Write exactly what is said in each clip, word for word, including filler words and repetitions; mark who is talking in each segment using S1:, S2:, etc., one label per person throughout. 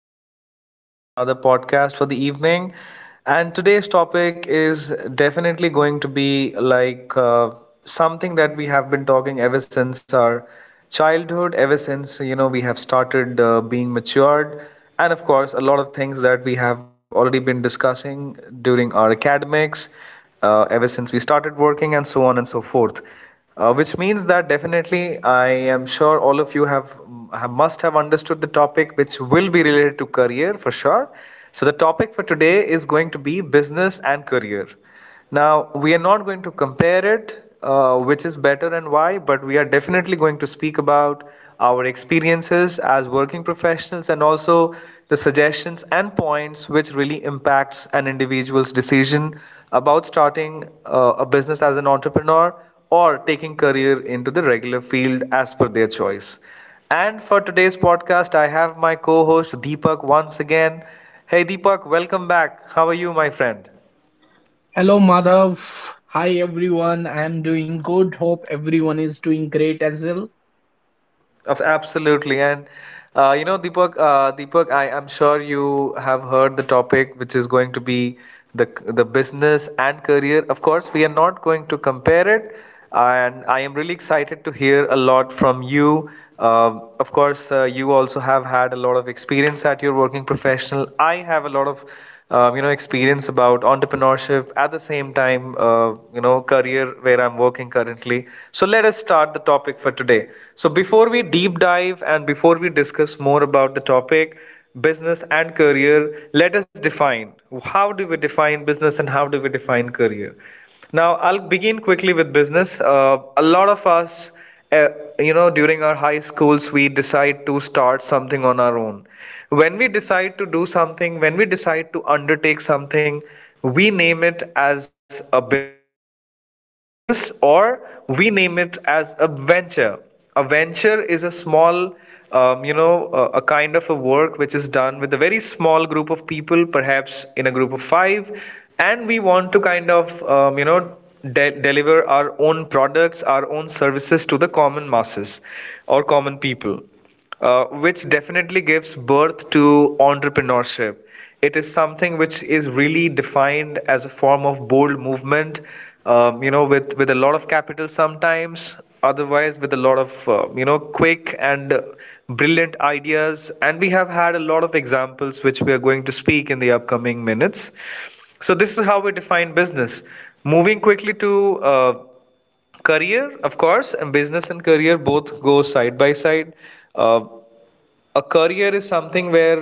S1: again, uh, back with another podcast for the evening. And today's topic is definitely going to be like uh, something that we have been talking ever since our childhood, ever since you know we have started uh, being matured, and of course a lot of things that we have already been discussing during our academics uh, ever since we started working and so on and so forth. Uh, which means that definitely I am sure all of you have, have must have understood the topic which will be related to career for sure. So the topic for today is going to be business and career. Now, we are not going to compare it, uh, which is better and why, but we are definitely going to speak about our experiences as working professionals and also the suggestions and points which really impacts an individual's decision about starting uh, a business as an entrepreneur or taking career into the regular field as per their choice. And for today's podcast, I have my co-host Deepak once again. Hey Deepak, welcome back. How are you, my friend?
S2: Hello, Madhav. Hi, everyone. I am doing good. Hope everyone is doing great as well.
S1: Of absolutely, and uh, you know, Deepak, uh, Deepak, I am sure you have heard the topic, which is going to be the the business and career. Of course, we are not going to compare it, and I am really excited to hear a lot from you. Um of course, uh, you also have had a lot of experience at your working professional. I have a lot of um, you know experience about entrepreneurship at the same time uh, you know career where I'm working currently. So let us start the topic for today. So before we deep dive and before we discuss more about the topic business and career, let us define how do we define business and how do we define career. Now, I'll begin quickly with business. Uh, a lot of us, uh, you know, during our high schools, we decide to start something on our own. When we decide to do something, when we decide to undertake something, we name it as a business or we name it as a venture. A venture is a small, um, you know, a, a kind of a work which is done with a very small group of people, perhaps in a group of five, and we want to kind of um, you know de- deliver our own products, our own services to the common masses or common people, uh, which definitely gives birth to entrepreneurship. It is something which is really defined as a form of bold movement, um, you know with with a lot of capital sometimes, otherwise with a lot of uh, you know quick and brilliant ideas, and we have had a lot of examples which we are going to speak in the upcoming minutes. So, this is how we define business. Moving quickly to uh, career. Of course, and business and career both go side by side. Uh, a career is something where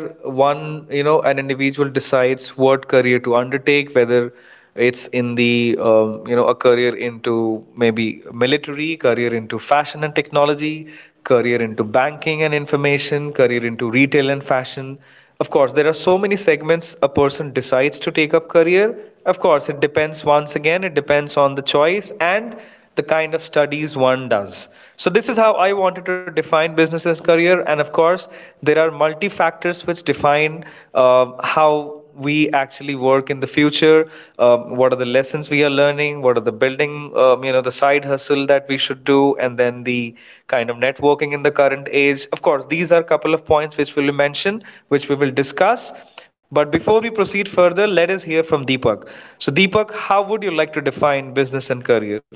S1: one you know an individual decides what career to undertake, whether it's in the um, you know a career into maybe military, career into fashion and technology, career into banking and information, career into retail and fashion. Of course, there are so many segments a person decides to take up career. Of course, it depends. Once again, it depends on the choice and the kind of studies one does. So this is how I wanted to define business as career. And of course, there are multi factors which define uh, how we actually work in the future. Um, what are the lessons we are learning? What are the building, um, you know, the side hustle that we should do, and then the kind of networking in the current age. Of course, these are a couple of points which we will mention, which we will discuss. But before we proceed further, let us hear from Deepak. So, Deepak, how would you like to define business and career?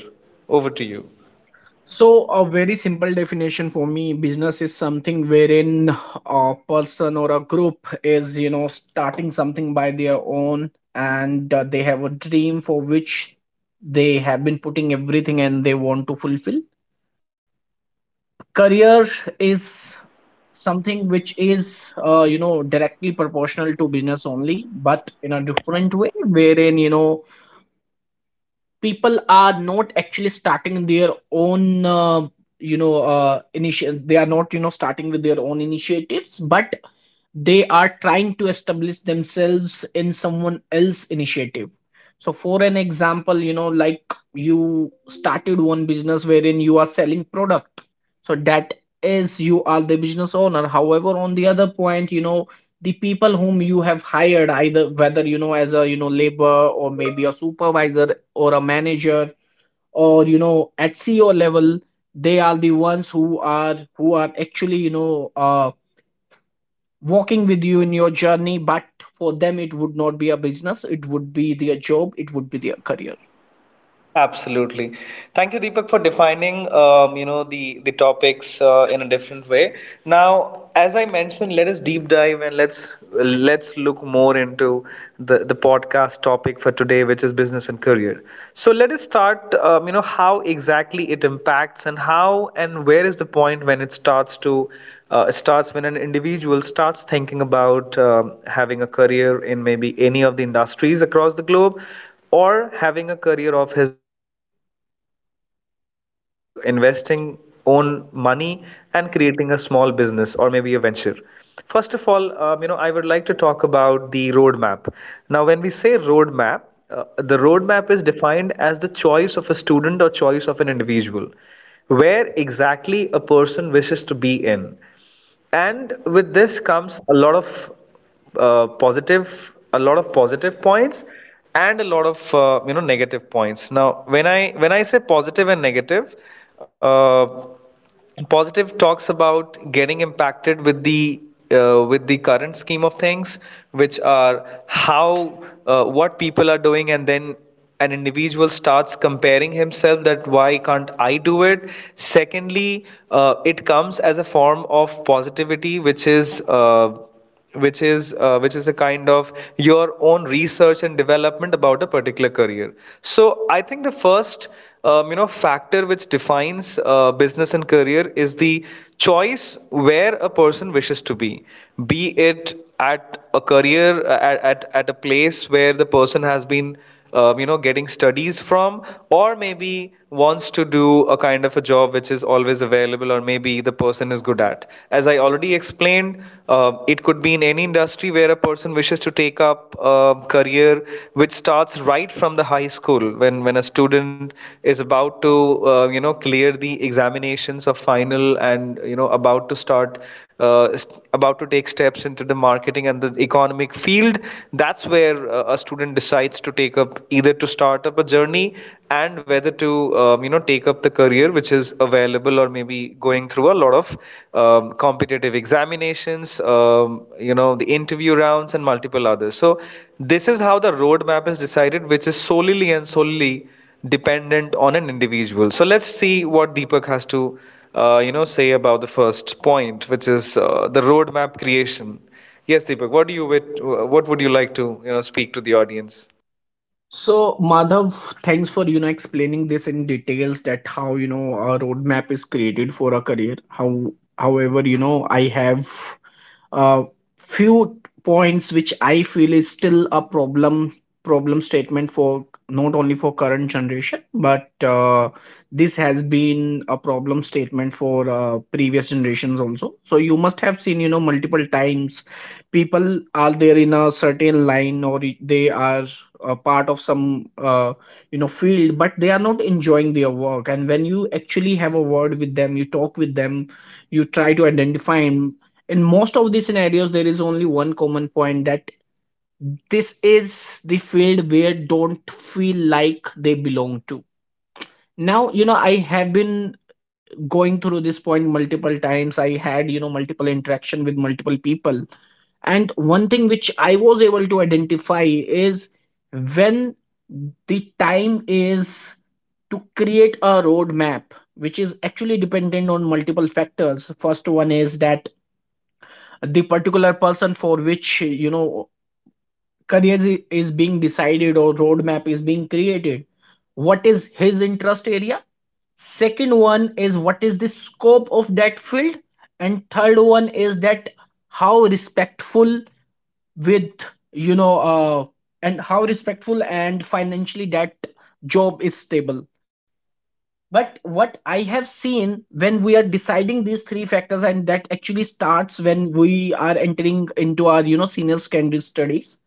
S1: Over to you.
S2: So, a very simple definition for me business is something wherein a person or a group is, you know, starting something by their own and uh, they have a dream for which they have been putting everything and they want to fulfill. Career
S1: Yeah.
S2: is something which is uh, you know directly proportional to business only but in a different way wherein you know people are not actually starting their own uh, you know uh, initiative. They are not you know starting with their own initiatives but they are trying to establish themselves in someone else's initiative. So for an example, you know, like you started one business wherein you are selling product, so that is you are the business owner. However, on the other point, you know, the people whom you have hired, either whether you know as a you know labor or maybe a supervisor or a manager or you know at CEO level, they are the ones who are who are actually you know uh, walking with you in your journey. But for them, it would not be a business, it would be their job, it would be their career.
S1: Absolutely. Thank you, Deepak, for defining um, you know the the topics uh, in a different way. Now, as I mentioned, let us deep dive and let's let's look more into the the podcast topic for today, which is business and career. So let us start. Um, you know how exactly it impacts and how and where is the point when it starts to uh, starts when an individual starts thinking about um having a career in maybe any of the industries across the globe, or having a career of his own which is like investing own money and creating a small business or maybe a venture. First of all, um, you know I would like to talk about the roadmap. Now when we say roadmap, uh, the roadmap is defined as the choice of a student or choice of an individual, where exactly a person wishes to be in. And with this comes a lot of uh, positive a lot of positive points and a lot of uh, you know negative points. Now when i when i say positive and negative, uh, positive talks about getting impacted with the uh, with the current scheme of things, which are how uh, what people are doing, and then an individual starts comparing himself that why can't I do it. Secondly, uh, it comes as a form of positivity, which is uh, which is uh, which is a kind of your own research and development about a particular career. So I think the first um, you know factor which defines uh, business and career is the choice where a person wishes to be. Be it at a career uh, at, at, at a place where the person has been um, you know getting studies from, or maybe wants to do a kind of a job which is always available, or maybe the person is good at. As I already explained, uh, it could be in any industry where a person wishes to take up a career, which starts right from the high school, when when a student is about to uh, you know clear the examinations of final and you know about to start uh, st- about to take steps into the marketing and the economic field. That's where uh, a student decides to to take up either to start up a journey, and whether to um, you know take up the career which is available, or maybe going through a lot of um, competitive examinations, um, you know the interview rounds and multiple others. So this is how the roadmap is decided, which is solely and solely dependent on an individual. So let's see what Deepak has to uh, you know say about the first point, which is uh, the roadmap creation. Yes, Deepak, what do you, what would you like to you know speak to the audience?
S2: So Madhav, thanks for you know explaining this in details that how you know a roadmap is created for a career. How however you know I have uh, few points which I feel is still a problem problem statement for not only for current generation but uh, this has been a problem statement for uh, previous generations also. So you must have seen you know multiple times people are there in a certain line or i- they are a part of some uh, you know field, but they are not enjoying their work. And when you actually have a word with them, you talk with them, you try to identify, in most of these scenarios there is only one common point that this is the field where don't feel like they belong to. Now you know I have been going through this point multiple times. I had you know multiple interaction with multiple people, and one thing which I was able to identify is when the time is to create a roadmap, which is actually dependent on multiple factors. First one is that the particular person for which you know career i- is being decided or roadmap is being created, what is his interest area. Second one is what is the scope of that field. And third one is that how respectful with you know uh, and how respectful and financially that job is stable. But what I have seen, when we are deciding these three factors, and that actually starts when we are entering into our you know senior secondary studies,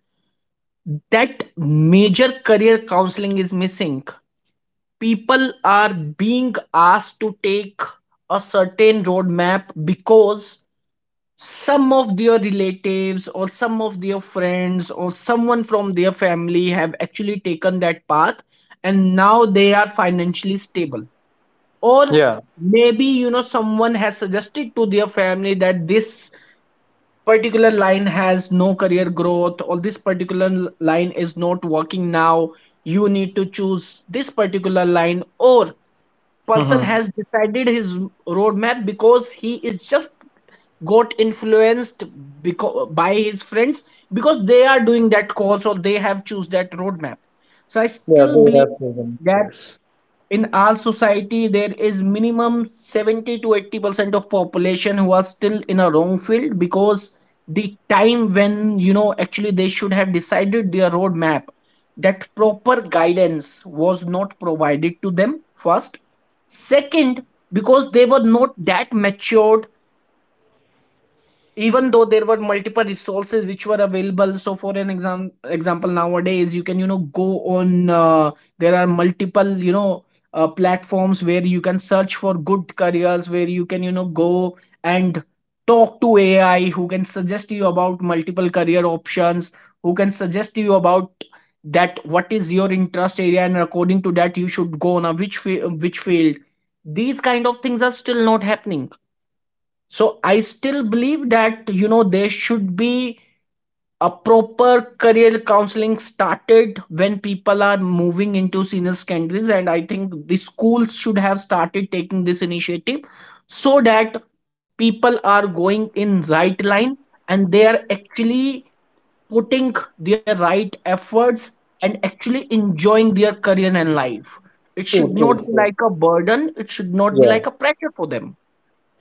S2: that major career counseling is missing. People are being asked to take a certain roadmap because some of their relatives or some of their friends or someone from their family have actually taken that path, and now they are financially stable. Or
S1: Yeah.
S2: maybe you know someone has suggested to their family that this particular line has no career growth or this particular l- line is not working now, you need to choose this particular line. Or person
S1: Mm-hmm.
S2: has decided his roadmap because he is just got influenced because by his friends, because they are doing that course or they have choose that roadmap. So I
S1: Yeah,
S2: still
S1: they
S2: believe
S1: have proven.
S2: that
S1: Yes.
S2: in our society there is minimum seventy to eighty percent of population who are still in a wrong field, because the time when you know actually they should have decided their roadmap, that proper guidance was not provided to them. First, second, because they were not that matured, even though there were multiple resources which were available. So for an exam- example, nowadays you can you know go on uh, there are multiple you know uh, platforms where you can search for good careers, where you can you know go and talk to AI who can suggest you about multiple career options, who can suggest you about that what is your interest area, and according to that you should go on a which fi- which field. These kind of things are still not happening. So I still believe that you know there should be a proper career counseling started when people are moving into senior secondaries, and I think the schools should have started taking this initiative so that people are going in right line and they are actually putting their right efforts and actually enjoying their career and life. It
S1: True,
S2: should
S1: true,
S2: not be
S1: true.
S2: like a burden. It should not be
S1: Yeah.
S2: like a pressure for them.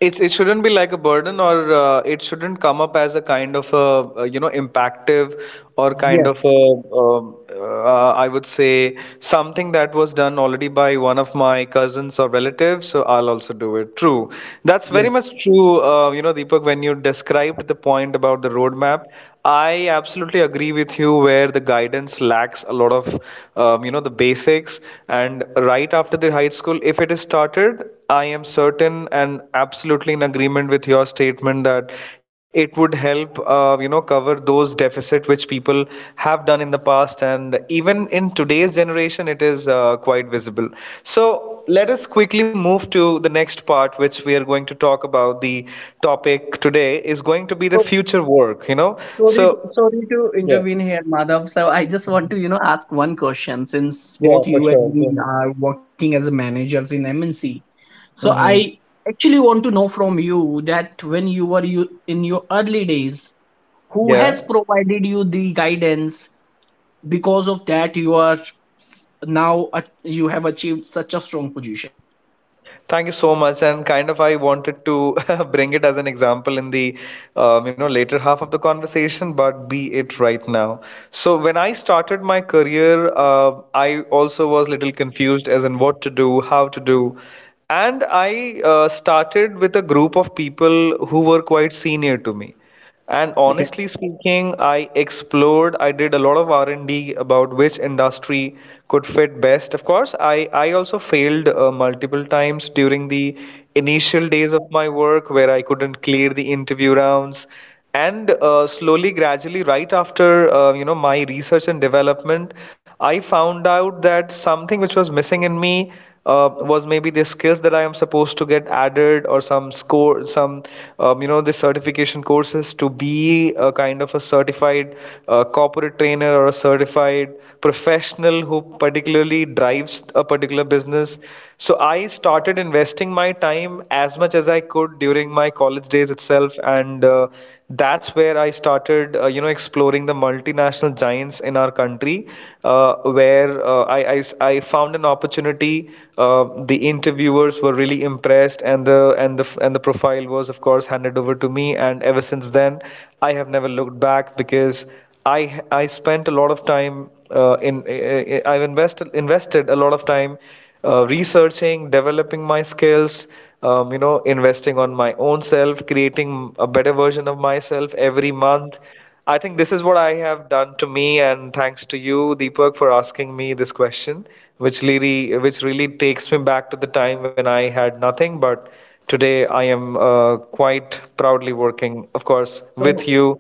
S1: It's it shouldn't be like a burden, or uh, it shouldn't come up as a kind of a, uh, you know impactive or kind
S2: Yes,
S1: of a um, uh, I would say something that was done already by one of my cousins or relatives, so I'll also do it. True, that's
S2: yes.
S1: very much true. uh, you know Deepak, when you described the point about the roadmap, I absolutely agree with you where the guidance lacks a lot of um, you know the basics. And right after the high school, if it is started, I am certain and absolutely in agreement with your statement that it would help, uh, you know, cover those deficit which people have done in the past, and even in today's generation, it is uh, quite visible. So let us quickly move to the next part, which we are going to talk about. The topic today is going to be the
S2: So.
S1: future work. You know,
S2: Sorry, to-
S1: so
S2: sorry to
S1: yeah,
S2: intervene here, Madhav. So I just want to, you know, ask one question since
S1: yeah,
S2: both
S1: for
S2: you and
S1: sure. Go
S2: me
S1: ahead.
S2: are working as a managers in M N C. So
S1: Hmm.
S2: I actually want to know from you that when you were you in your early days, who
S1: Yeah.
S2: has provided you the guidance? Because of that, you are s- now at- you have achieved such a strong position.
S1: Thank you so much. And kind of, I wanted to bring it as an example in the, um, you know, later half of the conversation, but be it right now. So when I started my career, uh, I also was little confused as in what to do, how to do, and I uh, started with a group of people who were quite senior to me. And
S2: Okay.
S1: honestly speaking, I explored, I did a lot of R and D about which industry could fit best. Of course, I, I also failed uh, multiple times during the initial days of my work where I couldn't clear the interview rounds. And uh, Slowly, gradually, right after uh, you know my research and development, I found out that something which was missing in me uh, was maybe the skills that I am supposed to get added, or some score, some um, you know the certification courses to be a kind of a certified uh, corporate trainer or a certified professional who particularly drives a particular business. So I started investing my time as much as I could during my college days itself, and uh, that's where I started, uh, you know, exploring the multinational giants in our country, uh, where uh, I I I found an opportunity. Uh, the interviewers were really impressed, and the and the and the profile was, of course, handed over to me. And ever since then, I have never looked back, because I I spent a lot of time uh, in I- I- I've invested invested a lot of time uh, researching, developing my skills, um, you know, investing on my own self, creating a better version of myself every month. I think this is what I have done to me, and thanks to you, Deepak, for asking me this question, which really, which really takes me back to the time when I had nothing. But today, I am uh, quite proudly working, of course, with
S2: So
S1: you.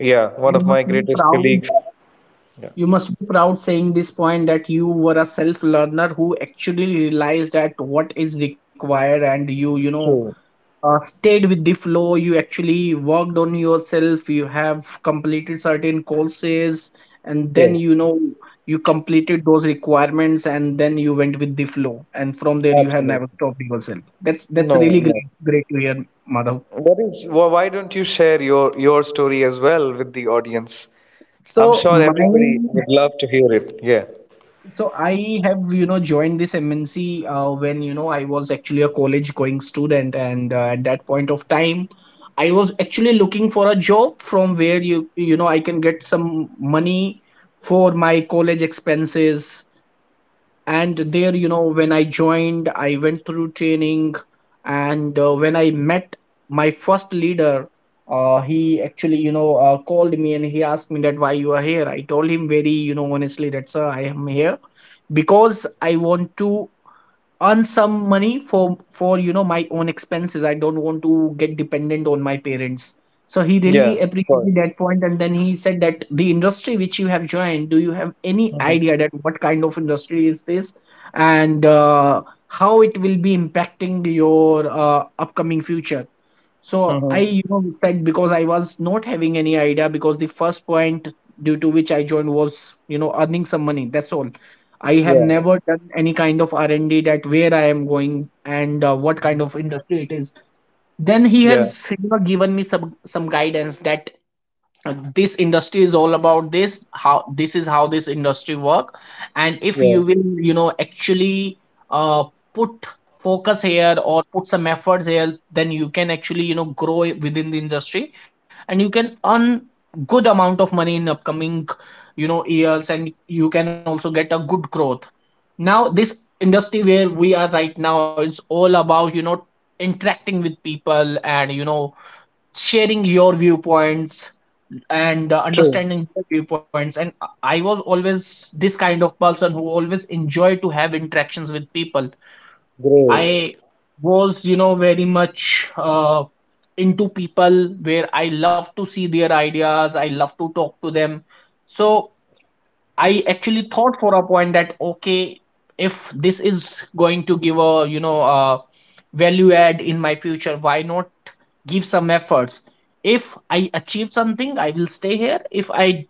S1: Yeah, one
S2: you
S1: of my
S2: must be
S1: greatest
S2: proud.
S1: colleagues. Yeah.
S2: You must be proud saying this point that you were a self learner who actually realized that what is required and you, you know,
S1: True.
S2: uh, stayed with the flow. You actually worked on yourself. You have completed certain courses, and then, you
S1: Yes,
S2: know, you completed those requirements, and then you went with the flow. And from there, you have never
S1: absolutely.
S2: stopped yourself. That's, that's
S1: No,
S2: really
S1: no.
S2: great, great to hear, Madhav.
S1: What is, wh- why don't you share your your story as well with the audience? I'm
S2: So,
S1: sure everybody
S2: mine.
S1: would love to hear it. Yeah.
S2: So I have, you know, joined this M N C uh, when, you know, I was actually a college going student. And uh, at that point of time, I was actually looking for a job from where you, you know, I can get some money for my college expenses. And there you know when I joined I went through training, and uh, when I met my first leader, uh, he actually you know uh, called me and he asked me that why you are here. I told him very you know honestly that sir, I am here because I want to earn some money for for you know my own expenses. I don't want to get dependent on my parents. So he
S1: Yeah,
S2: really
S1: of course.
S2: appreciated that point and then he said that the industry which you have joined, do you have any
S1: Mm-hmm.
S2: idea that what kind of industry is this, and uh, how it will be impacting your uh, upcoming future. So I,
S1: Mm-hmm.
S2: you know, said because I was not having any idea, because the first point due to which I joined was, you know, earning some money. That's all. I have
S1: Yeah.
S2: never done any kind of R and D that where I am going and uh, what kind
S1: Mhm.
S2: of industry it is. Then he
S1: Yeah.
S2: has you know given me some some guidance that uh, this industry is all about this how this is how this industry work. And if you
S1: Yeah.
S2: will you know actually uh, put focus here or put some efforts here, then you can actually you know grow i- within the industry, and you can earn good amount of money in upcoming you know years, and you can also get a good growth. Now this industry where we are right now is all about you know interacting with people and you know sharing your viewpoints and uh,
S1: True.
S2: understanding their viewpoints. And I I was always this kind of person who always enjoyed to have interactions with people. I
S1: Great.
S2: was, you know, very much uh, into people where I love to see their ideas, I love to talk to them. So I actually thought for a point that, okay, if this is going to give a, you know, a value add in my future, why not give some efforts? If I achieve something I will stay here. If I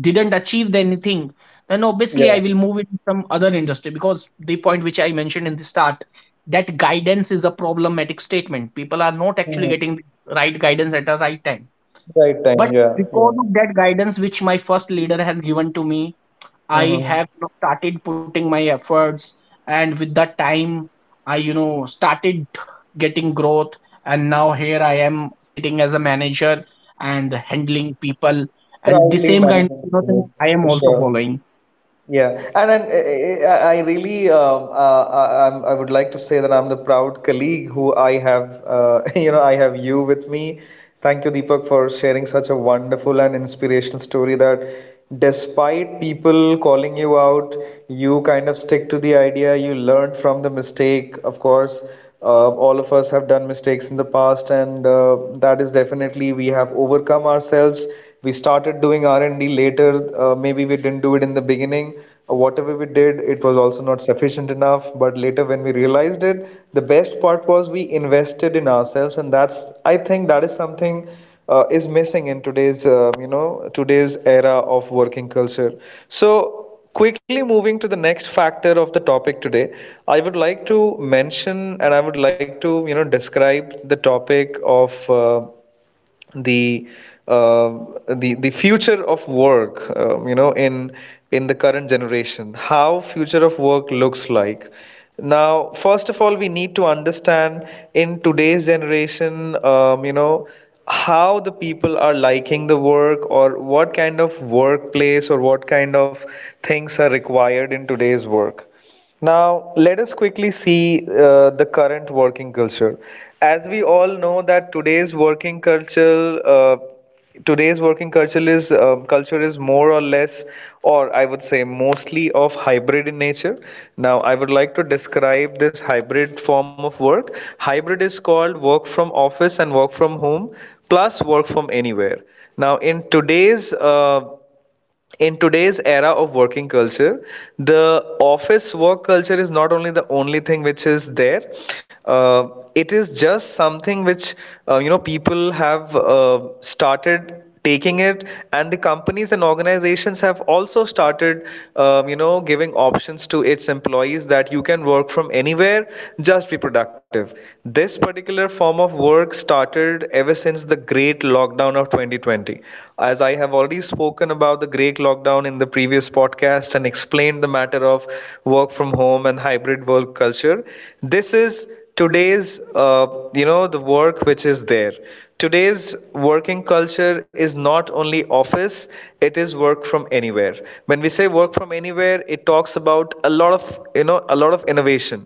S2: didn't achieve anything, then obviously I
S1: Yeah.
S2: will move into some other industry, because the point which I mentioned in the start, that guidance is a problematic statement, people are not actually
S1: Mm-hmm.
S2: getting the right guidance at the right time.
S1: Right time.
S2: But
S1: Yeah.
S2: because
S1: Yeah.
S2: of that guidance which my first leader has given to me, I
S1: Mm-hmm.
S2: have you know started putting my efforts, and with that time, I you know started getting growth, and now here I am sitting as a manager and handling people, and the
S1: Proudly
S2: same kind
S1: managing the
S2: of you know thing
S1: business
S2: I
S1: for
S2: am also
S1: sure.
S2: following.
S1: Yeah, and, and uh, I I really um, uh, I, I'm- I would like to say that I'm the proud colleague who I have uh, you know I have you with me. Thank you, Deepak, for sharing such a wonderful and inspirational story that despite people calling you out, you kind of stick to the idea, you learned from the mistake. Of course, uh, all of us have done mistakes in the past, and uh, that is definitely we have overcome ourselves. We started doing R&D later. Uh, maybe we didn't do it in the beginning. Uh, whatever we did, it was also not sufficient enough, but later when we realized it, the best part was we invested in ourselves. And that's, I think, that is something uh, is missing in today's um, you know today's era of working culture. So quickly moving to the next factor of the topic today, I would like to mention, and I would like to, you know, describe the topic of uh, the uh, the the future of work um, you know in in the current generation, how future of work looks like. Now, first of all, we need to understand in today's generation, um, you know how the people are liking the work, or what kind of workplace, or what kind of things are required in today's work. Now, let us quickly see uh, the current working culture. As we all know that today's working culture uh, today's working culture is um, culture is more or less, or I would say, mostly of hybrid in nature. Now I would like to describe this hybrid form of work. Hybrid is called work from office and work from home plus work from anywhere. Now, in today's uh, in today's era of working culture, the office work culture is not only the only thing which is there. uh, it is just something which uh, you know people have uh, started taking it, and the companies and organizations have also started um, you know giving options to its employees that you can work from anywhere, just be productive. This particular form of work started ever since the great lockdown of twenty twenty. As I have already spoken about the Greek lockdown in the previous podcast and explained the matter of work from home and hybrid work culture, this is today's uh, you know the work which is there. Today's working culture is not only office, it is work from anywhere. When we say work from anywhere, it talks about a lot of you know a lot of innovation,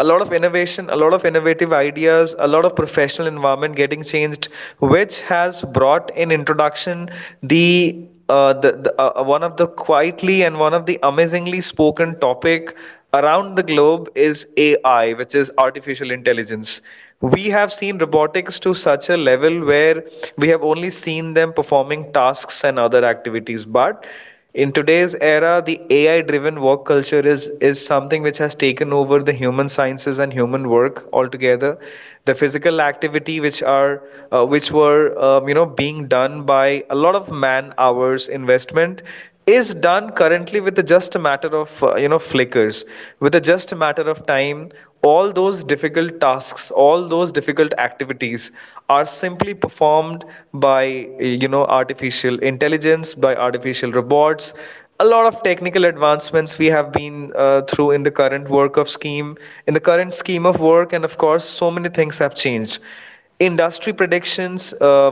S1: a lot of innovation, a lot of innovative ideas, a lot of professional environment getting changed, which has brought in introduction the uh, the, the uh, uh, one of the quietly and one of the amazingly spoken topic around the globe is A I, which is artificial intelligence. We have seen robotics to such a level where we have only seen them performing tasks and other activities, but in today's era, the A I-driven work culture is is something which has taken over the human sciences and human work altogether. The physical activity which are uh, which were um, you know being done by a lot of man hours investment is done currently with the just a matter of uh, you know flickers, with a just a matter of time. All those difficult tasks, all those difficult activities activities are simply performed by you know artificial intelligence, by artificial robots. A lot of technical advancements we have been uh, through in the current work of scheme, in the current scheme of work, and of course, so many things have changed. Industry predictions, uh,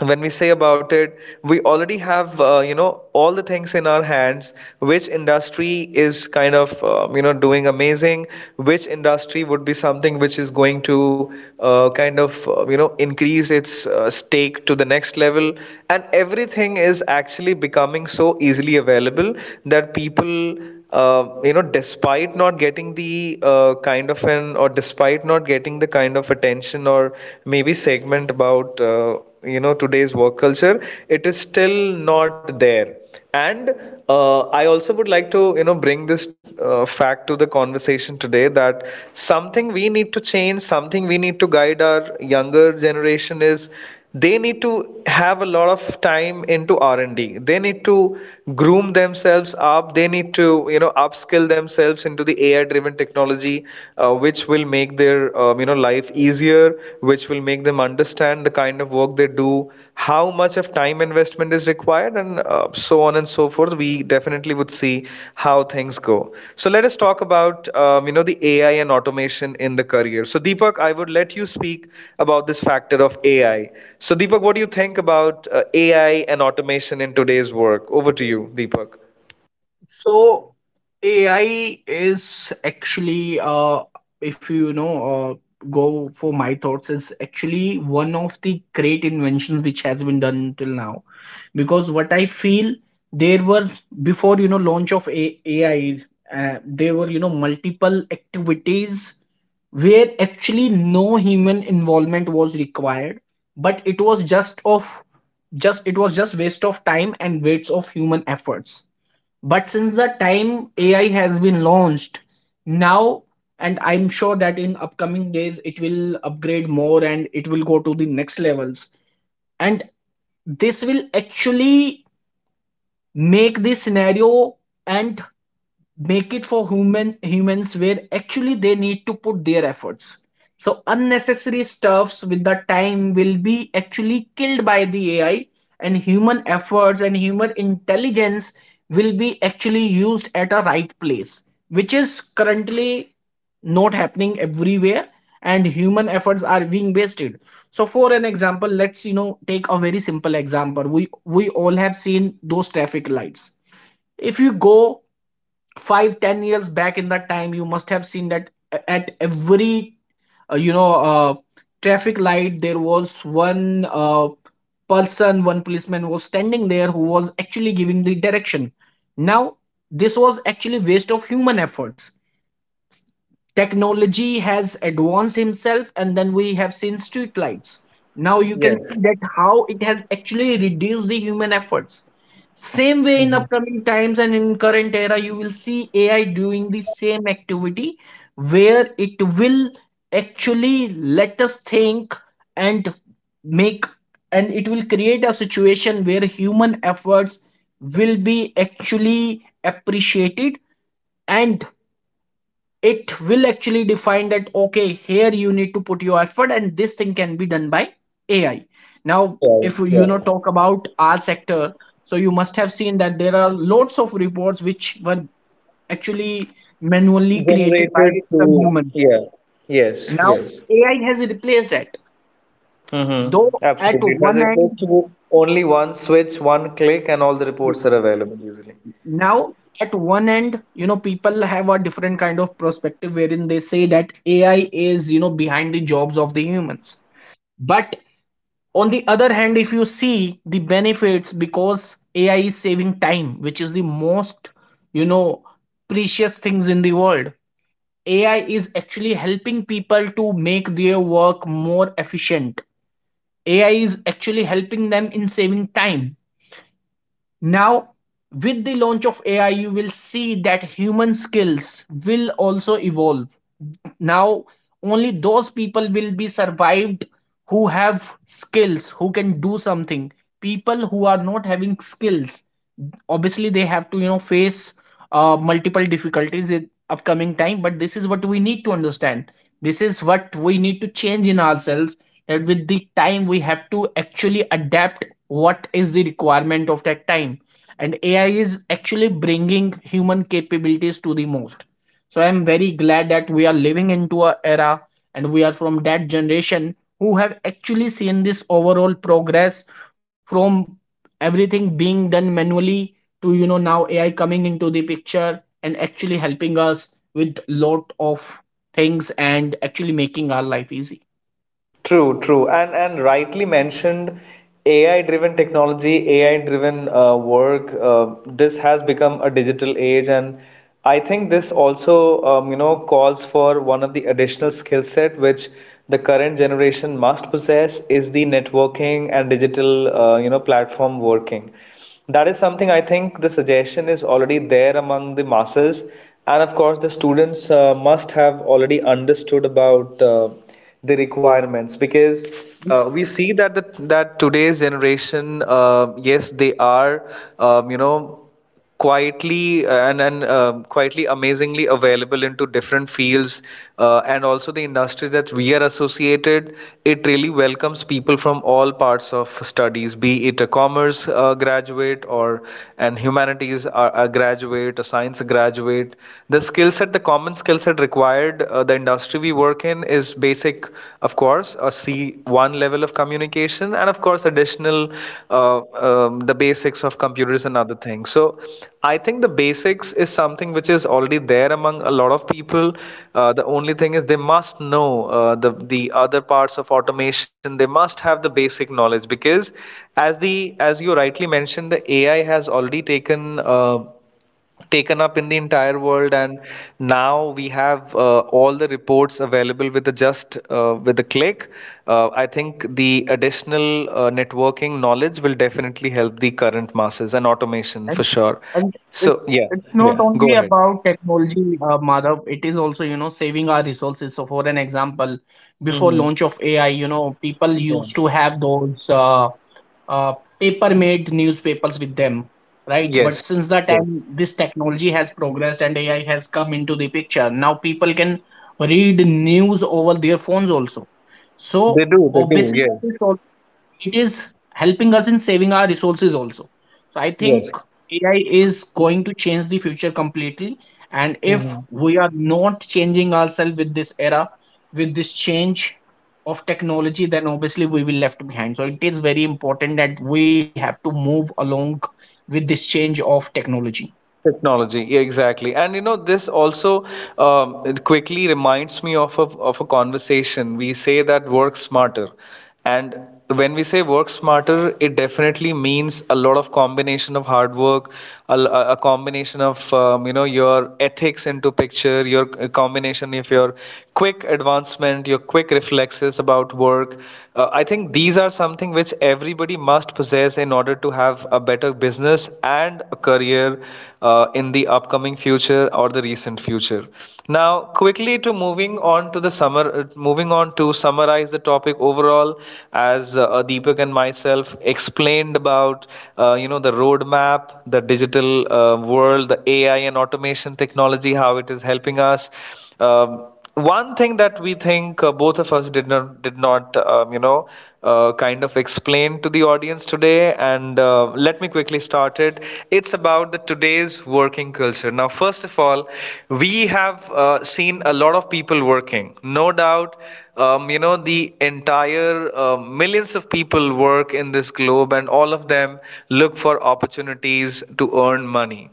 S1: when we say about it, we already have uh, you know all the things in our hands. Which industry is kind of um, you know doing amazing, which industry would be something which is going to uh, kind of uh, you know increase its uh, stake to the next level, and everything is actually becoming so easily available that people, uh, you know, despite not getting the uh, kind of an, or despite not getting the kind of attention or maybe segment about uh, you know today's work culture, it is still not there. And uh, I also would like to you know bring this uh, fact to the conversation today, that something we need to change, something we need to guide our younger generation is they need to have a lot of time into R&D. They need to groom themselves up, they need to you know upskill themselves into the AI driven technology, uh, which will make their um, you know life easier, which will make them understand the kind of work they do, how much of time investment is required, and uh, so on and so forth. We definitely would see how things go. So let us talk about um, you know the AI and automation in the career. So Deepak, I would let you speak about this factor of AI. So Deepak, what do you think about uh, AI and automation in today's work? Over to you, Deepak.
S2: So A I is actually, uh, if you know, uh, go for my thoughts, it's actually one of the great inventions which has been done till now. Because what I feel, there were before you know launch of A- AI, uh, there were you know multiple activities where actually no human involvement was required, but it was just of just it was just waste of time and waste of human efforts. But since the time AI has been launched now, and I'm sure that in upcoming days it will upgrade more and it will go to the next levels, and this will actually make the scenario and make it for human humans where actually they need to put their efforts. So unnecessary stuffs with the time will be actually killed by the AI, and human efforts and human intelligence will be actually used at a right place, which is currently not happening everywhere, and human efforts are being wasted. So for an example, let's you know take a very simple example. We we all have seen those traffic lights. If you go five ten years back, in that time you must have seen that a- at every uh, you know uh, traffic light there was one uh, person, one policeman was standing there, who was actually giving the direction. Now this was actually waste of human efforts. Technology has advanced himself, and then we have seen street lights. Now you can
S1: Yes.
S2: see that how it has actually reduced the human efforts. Same way,
S1: Mm-hmm.
S2: in upcoming times and in current era, you will see AI doing the same activity, where it will actually let us think and make, and it will create a situation where human efforts will be actually appreciated, and it will actually define that okay, here you need to put your effort, and this thing can be done by AI. Now
S1: A I.
S2: if you know
S1: Yeah.
S2: talk about our sector, so you must have seen that there are lots of reports which were actually manually created by
S1: Generated
S2: some
S1: through.
S2: humans.
S1: Yeah, yes,
S2: Now
S1: yes.
S2: AI has replaced that,
S1: Mm-hmm.
S2: though, at
S1: Absolutely, it has
S2: one
S1: replaced
S2: end.
S1: to. Only one switch, one click, and all the
S2: Yes,
S1: reports are available usually.
S2: now at one end, you know people have a different kind of perspective wherein they say that AI is, you know behind the jobs of the humans, but on the other hand, if you see the benefits, because AI is saving time, which is the most, you know precious things in the world. AI is actually helping people to make their work more efficient. AI is actually helping them in saving time. Now with the launch of AI, you will see that human skills will also evolve. Now only those people will be survived, who have skills, who can do something. People who are not having skills, obviously they have to you know face uh, multiple difficulties in upcoming time, but this is what we need to understand. This is what we need to change in ourselves, that with the time we have to actually adapt what is the requirement of that time. And AI is actually bringing human capabilities to the most. So I'm very glad that we are living into a era, and we are from that generation who have actually seen this overall progress, from everything being done manually to you know now AI coming into the picture and actually helping us with lot of things and actually making our life easy.
S1: True, true, and and rightly mentioned, A I-driven technology, A I-driven uh, work. Uh, this has become a digital age, and I think this also, um, you know, calls for one of the additional skill set, which the current generation must possess, is the networking and digital, uh, you know, platform working. That is something, I think, the suggestion is already there among the masses, and of course, the students uh, must have already understood about. Uh, the requirements, because uh, we see that the, that today's generation uh, yes they are um, you know quietly and and um, quietly amazingly available into different fields, uh, and also the industry that we are associated, it really welcomes people from all parts of studies, be it a commerce uh, graduate, or an humanities humanities uh, uh, graduate, a science graduate. The skill set, the common skill set required, uh, the industry we work in is basic, of course, a C one level of communication, and of course, additional uh, um, the basics of computers and other things. So I think the basics is something which is already there among a lot of people. Uh, the only thing is they must know uh, the the the other parts of automation. They must have the basic knowledge, because as the, as you rightly mentioned, the AI has already taken uh, taken up in the entire world, and now we have uh, all the reports available with the just uh, with a click. Uh, I think the additional uh, networking knowledge will definitely help the current masses and automation
S2: And
S1: for sure.
S2: and it,
S1: So yeah,
S2: it's not
S1: yeah,
S2: only
S1: go ahead.
S2: about technology, uh, Madhav. It is also, you know, saving our resources. So, for an example, before launch
S1: Mhm,
S2: of A I, you know, people used
S1: yeah.
S2: to have those uh, uh, paper-made newspapers with them, right?
S1: Yes,
S2: But since the
S1: yes.
S2: time this technology has progressed and A I has come into the picture, now people can read news over their phones also.
S1: They
S2: So
S1: do, they do,
S2: obviously, it
S1: yes.
S2: is it is helping us in saving our resources also. So I
S1: Yes.
S2: think AI is going to change the future completely, and if
S1: Mhm.
S2: we are not changing ourselves with this era, with this change of technology, then obviously we will left behind. So it is very important that we have to move along with this change of technology.
S1: Technology, yeah, exactly. And you know, this also um, it quickly reminds me of a, of a conversation. We say that work smarter. And when we say work smarter, it definitely means a lot of combination of hard work, a a combination of, um, you know, your ethics into picture, your c- combination of your quick advancement, your quick reflexes about work. Uh, I think these are something which everybody must possess in order to have a better business and a career uh, in the upcoming future or the recent future. Now, quickly to moving on to the summer, uh, moving on to summarize the topic overall, as uh, Deepak and myself explained about, uh, you know, the roadmap, the digital uh, world, the A I and automation technology, how it is helping us. Um, one thing that we think uh, both of us did not did not um, you know uh, kind of explain to the audience today, and uh, let me quickly start it. It's about the today's working culture. Now, first of all, we have uh, seen a lot of people working. No doubt, um, you know the entire uh, millions of people work in this globe, and all of them look for opportunities to earn money.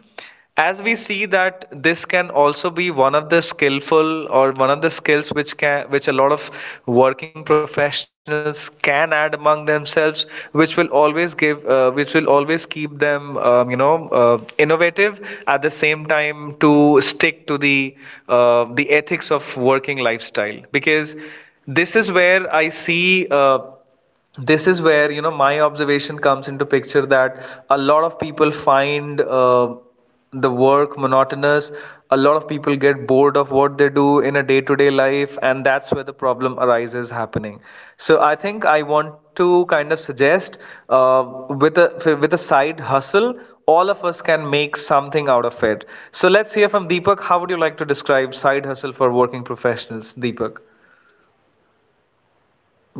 S1: As we see that, this can also be one of the skillful or one of the skills which can, which a lot of working professionals can add among themselves, which will always give uh, which will always keep them um, you know uh, innovative, at the same time to stick to the uh, the ethics of working lifestyle. Because this is where I see uh, this is where you know my observation comes into picture, that a lot of people find uh, the work monotonous. A lot of people get bored of what they do in a day-to-day life, and that's where the problem arises happening. So I think I want to kind of suggest uh, with a with a side hustle, all of us can make something out of it. So let's hear from Deepak, how would you like to describe side hustle for working professionals, Deepak?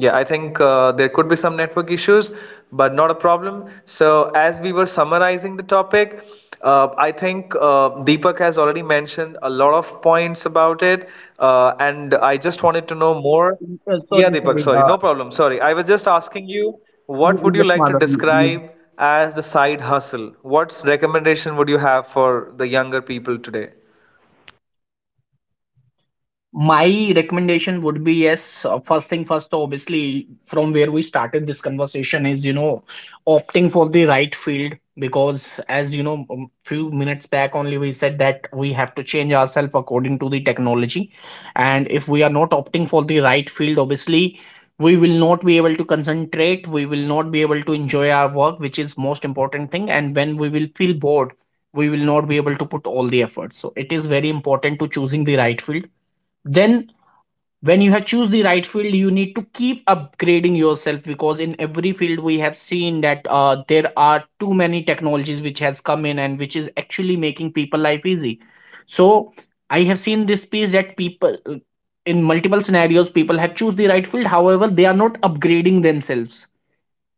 S1: Yeah, I think uh, there could be some network issues, but not a problem. So, as we were summarizing the topic, uh, I think uh, Deepak has already mentioned a lot of points about it, uh, and I just
S2: Uh,
S1: wanted to
S2: sorry
S1: know
S2: sorry
S1: more.
S2: uh,
S1: Yeah, Deepak, sorry, no problem. Sorry, I was just asking
S2: y- yes
S1: you,
S2: madam.
S1: what would
S2: You.
S1: you like to describe as the side hustle? What recommendation would you have for the younger people today?
S2: My recommendation would be, yes. uh, First thing first, obviously, from where we started this conversation is, you know, opting for the right field because, as you know, um, few minutes back only we said that we have to change ourselves according to the technology. And if we are not opting for the right field, obviously, we will not be able to concentrate. We will not be able to enjoy our work, which is most important thing. And when we will feel bored, we will not be able to put all the effort. So it is very important to choosing the right field. Then when you have choose the right field, you need to keep upgrading yourself, because in every field we have seen that uh, there are too many technologies which has come in and which is actually making people life easy. So I have seen this piece that people uh, in multiple scenarios, people have choose the right field, however they are not upgrading themselves.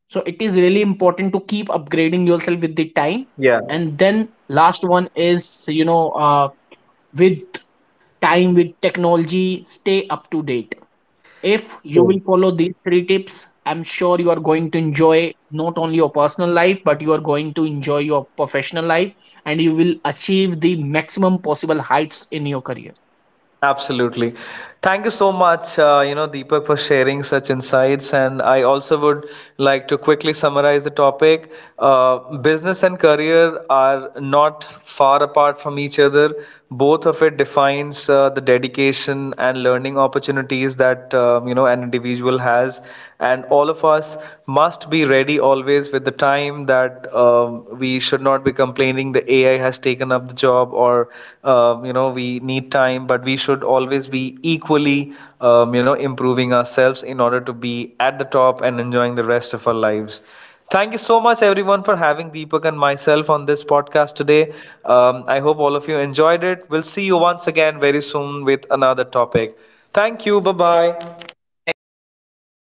S2: So it is really important to keep upgrading yourself with the time.
S1: Yeah.
S2: And then last one is, you know uh, with time, with technology, stay up to date. If you will
S1: Cool.
S2: follow these three tips, I'm sure you are going to enjoy not only your personal life but you are going to enjoy your professional life, and you will achieve the maximum possible heights in your career.
S1: Absolutely. Thank you so much, uh, you know, Deepak, for sharing such insights. And I also would like to quickly summarize the topic. Uh, business and career are not far apart from each other. Both of it defines uh, the dedication and learning opportunities that um, you know an individual has, and all of us must be ready always with the time, that uh, um, we should not be complaining the A I has taken up the job, or um, you know we need time, but we should always be equally um, you know improving ourselves in order to be at the top and enjoying the rest of our lives. Thank you so much, everyone, for having Deepak and myself on this podcast today. Um, I hope all of you enjoyed it. We'll see you once again very soon with another topic. Thank you. Bye bye.
S2: Thank you so much, Mehdi.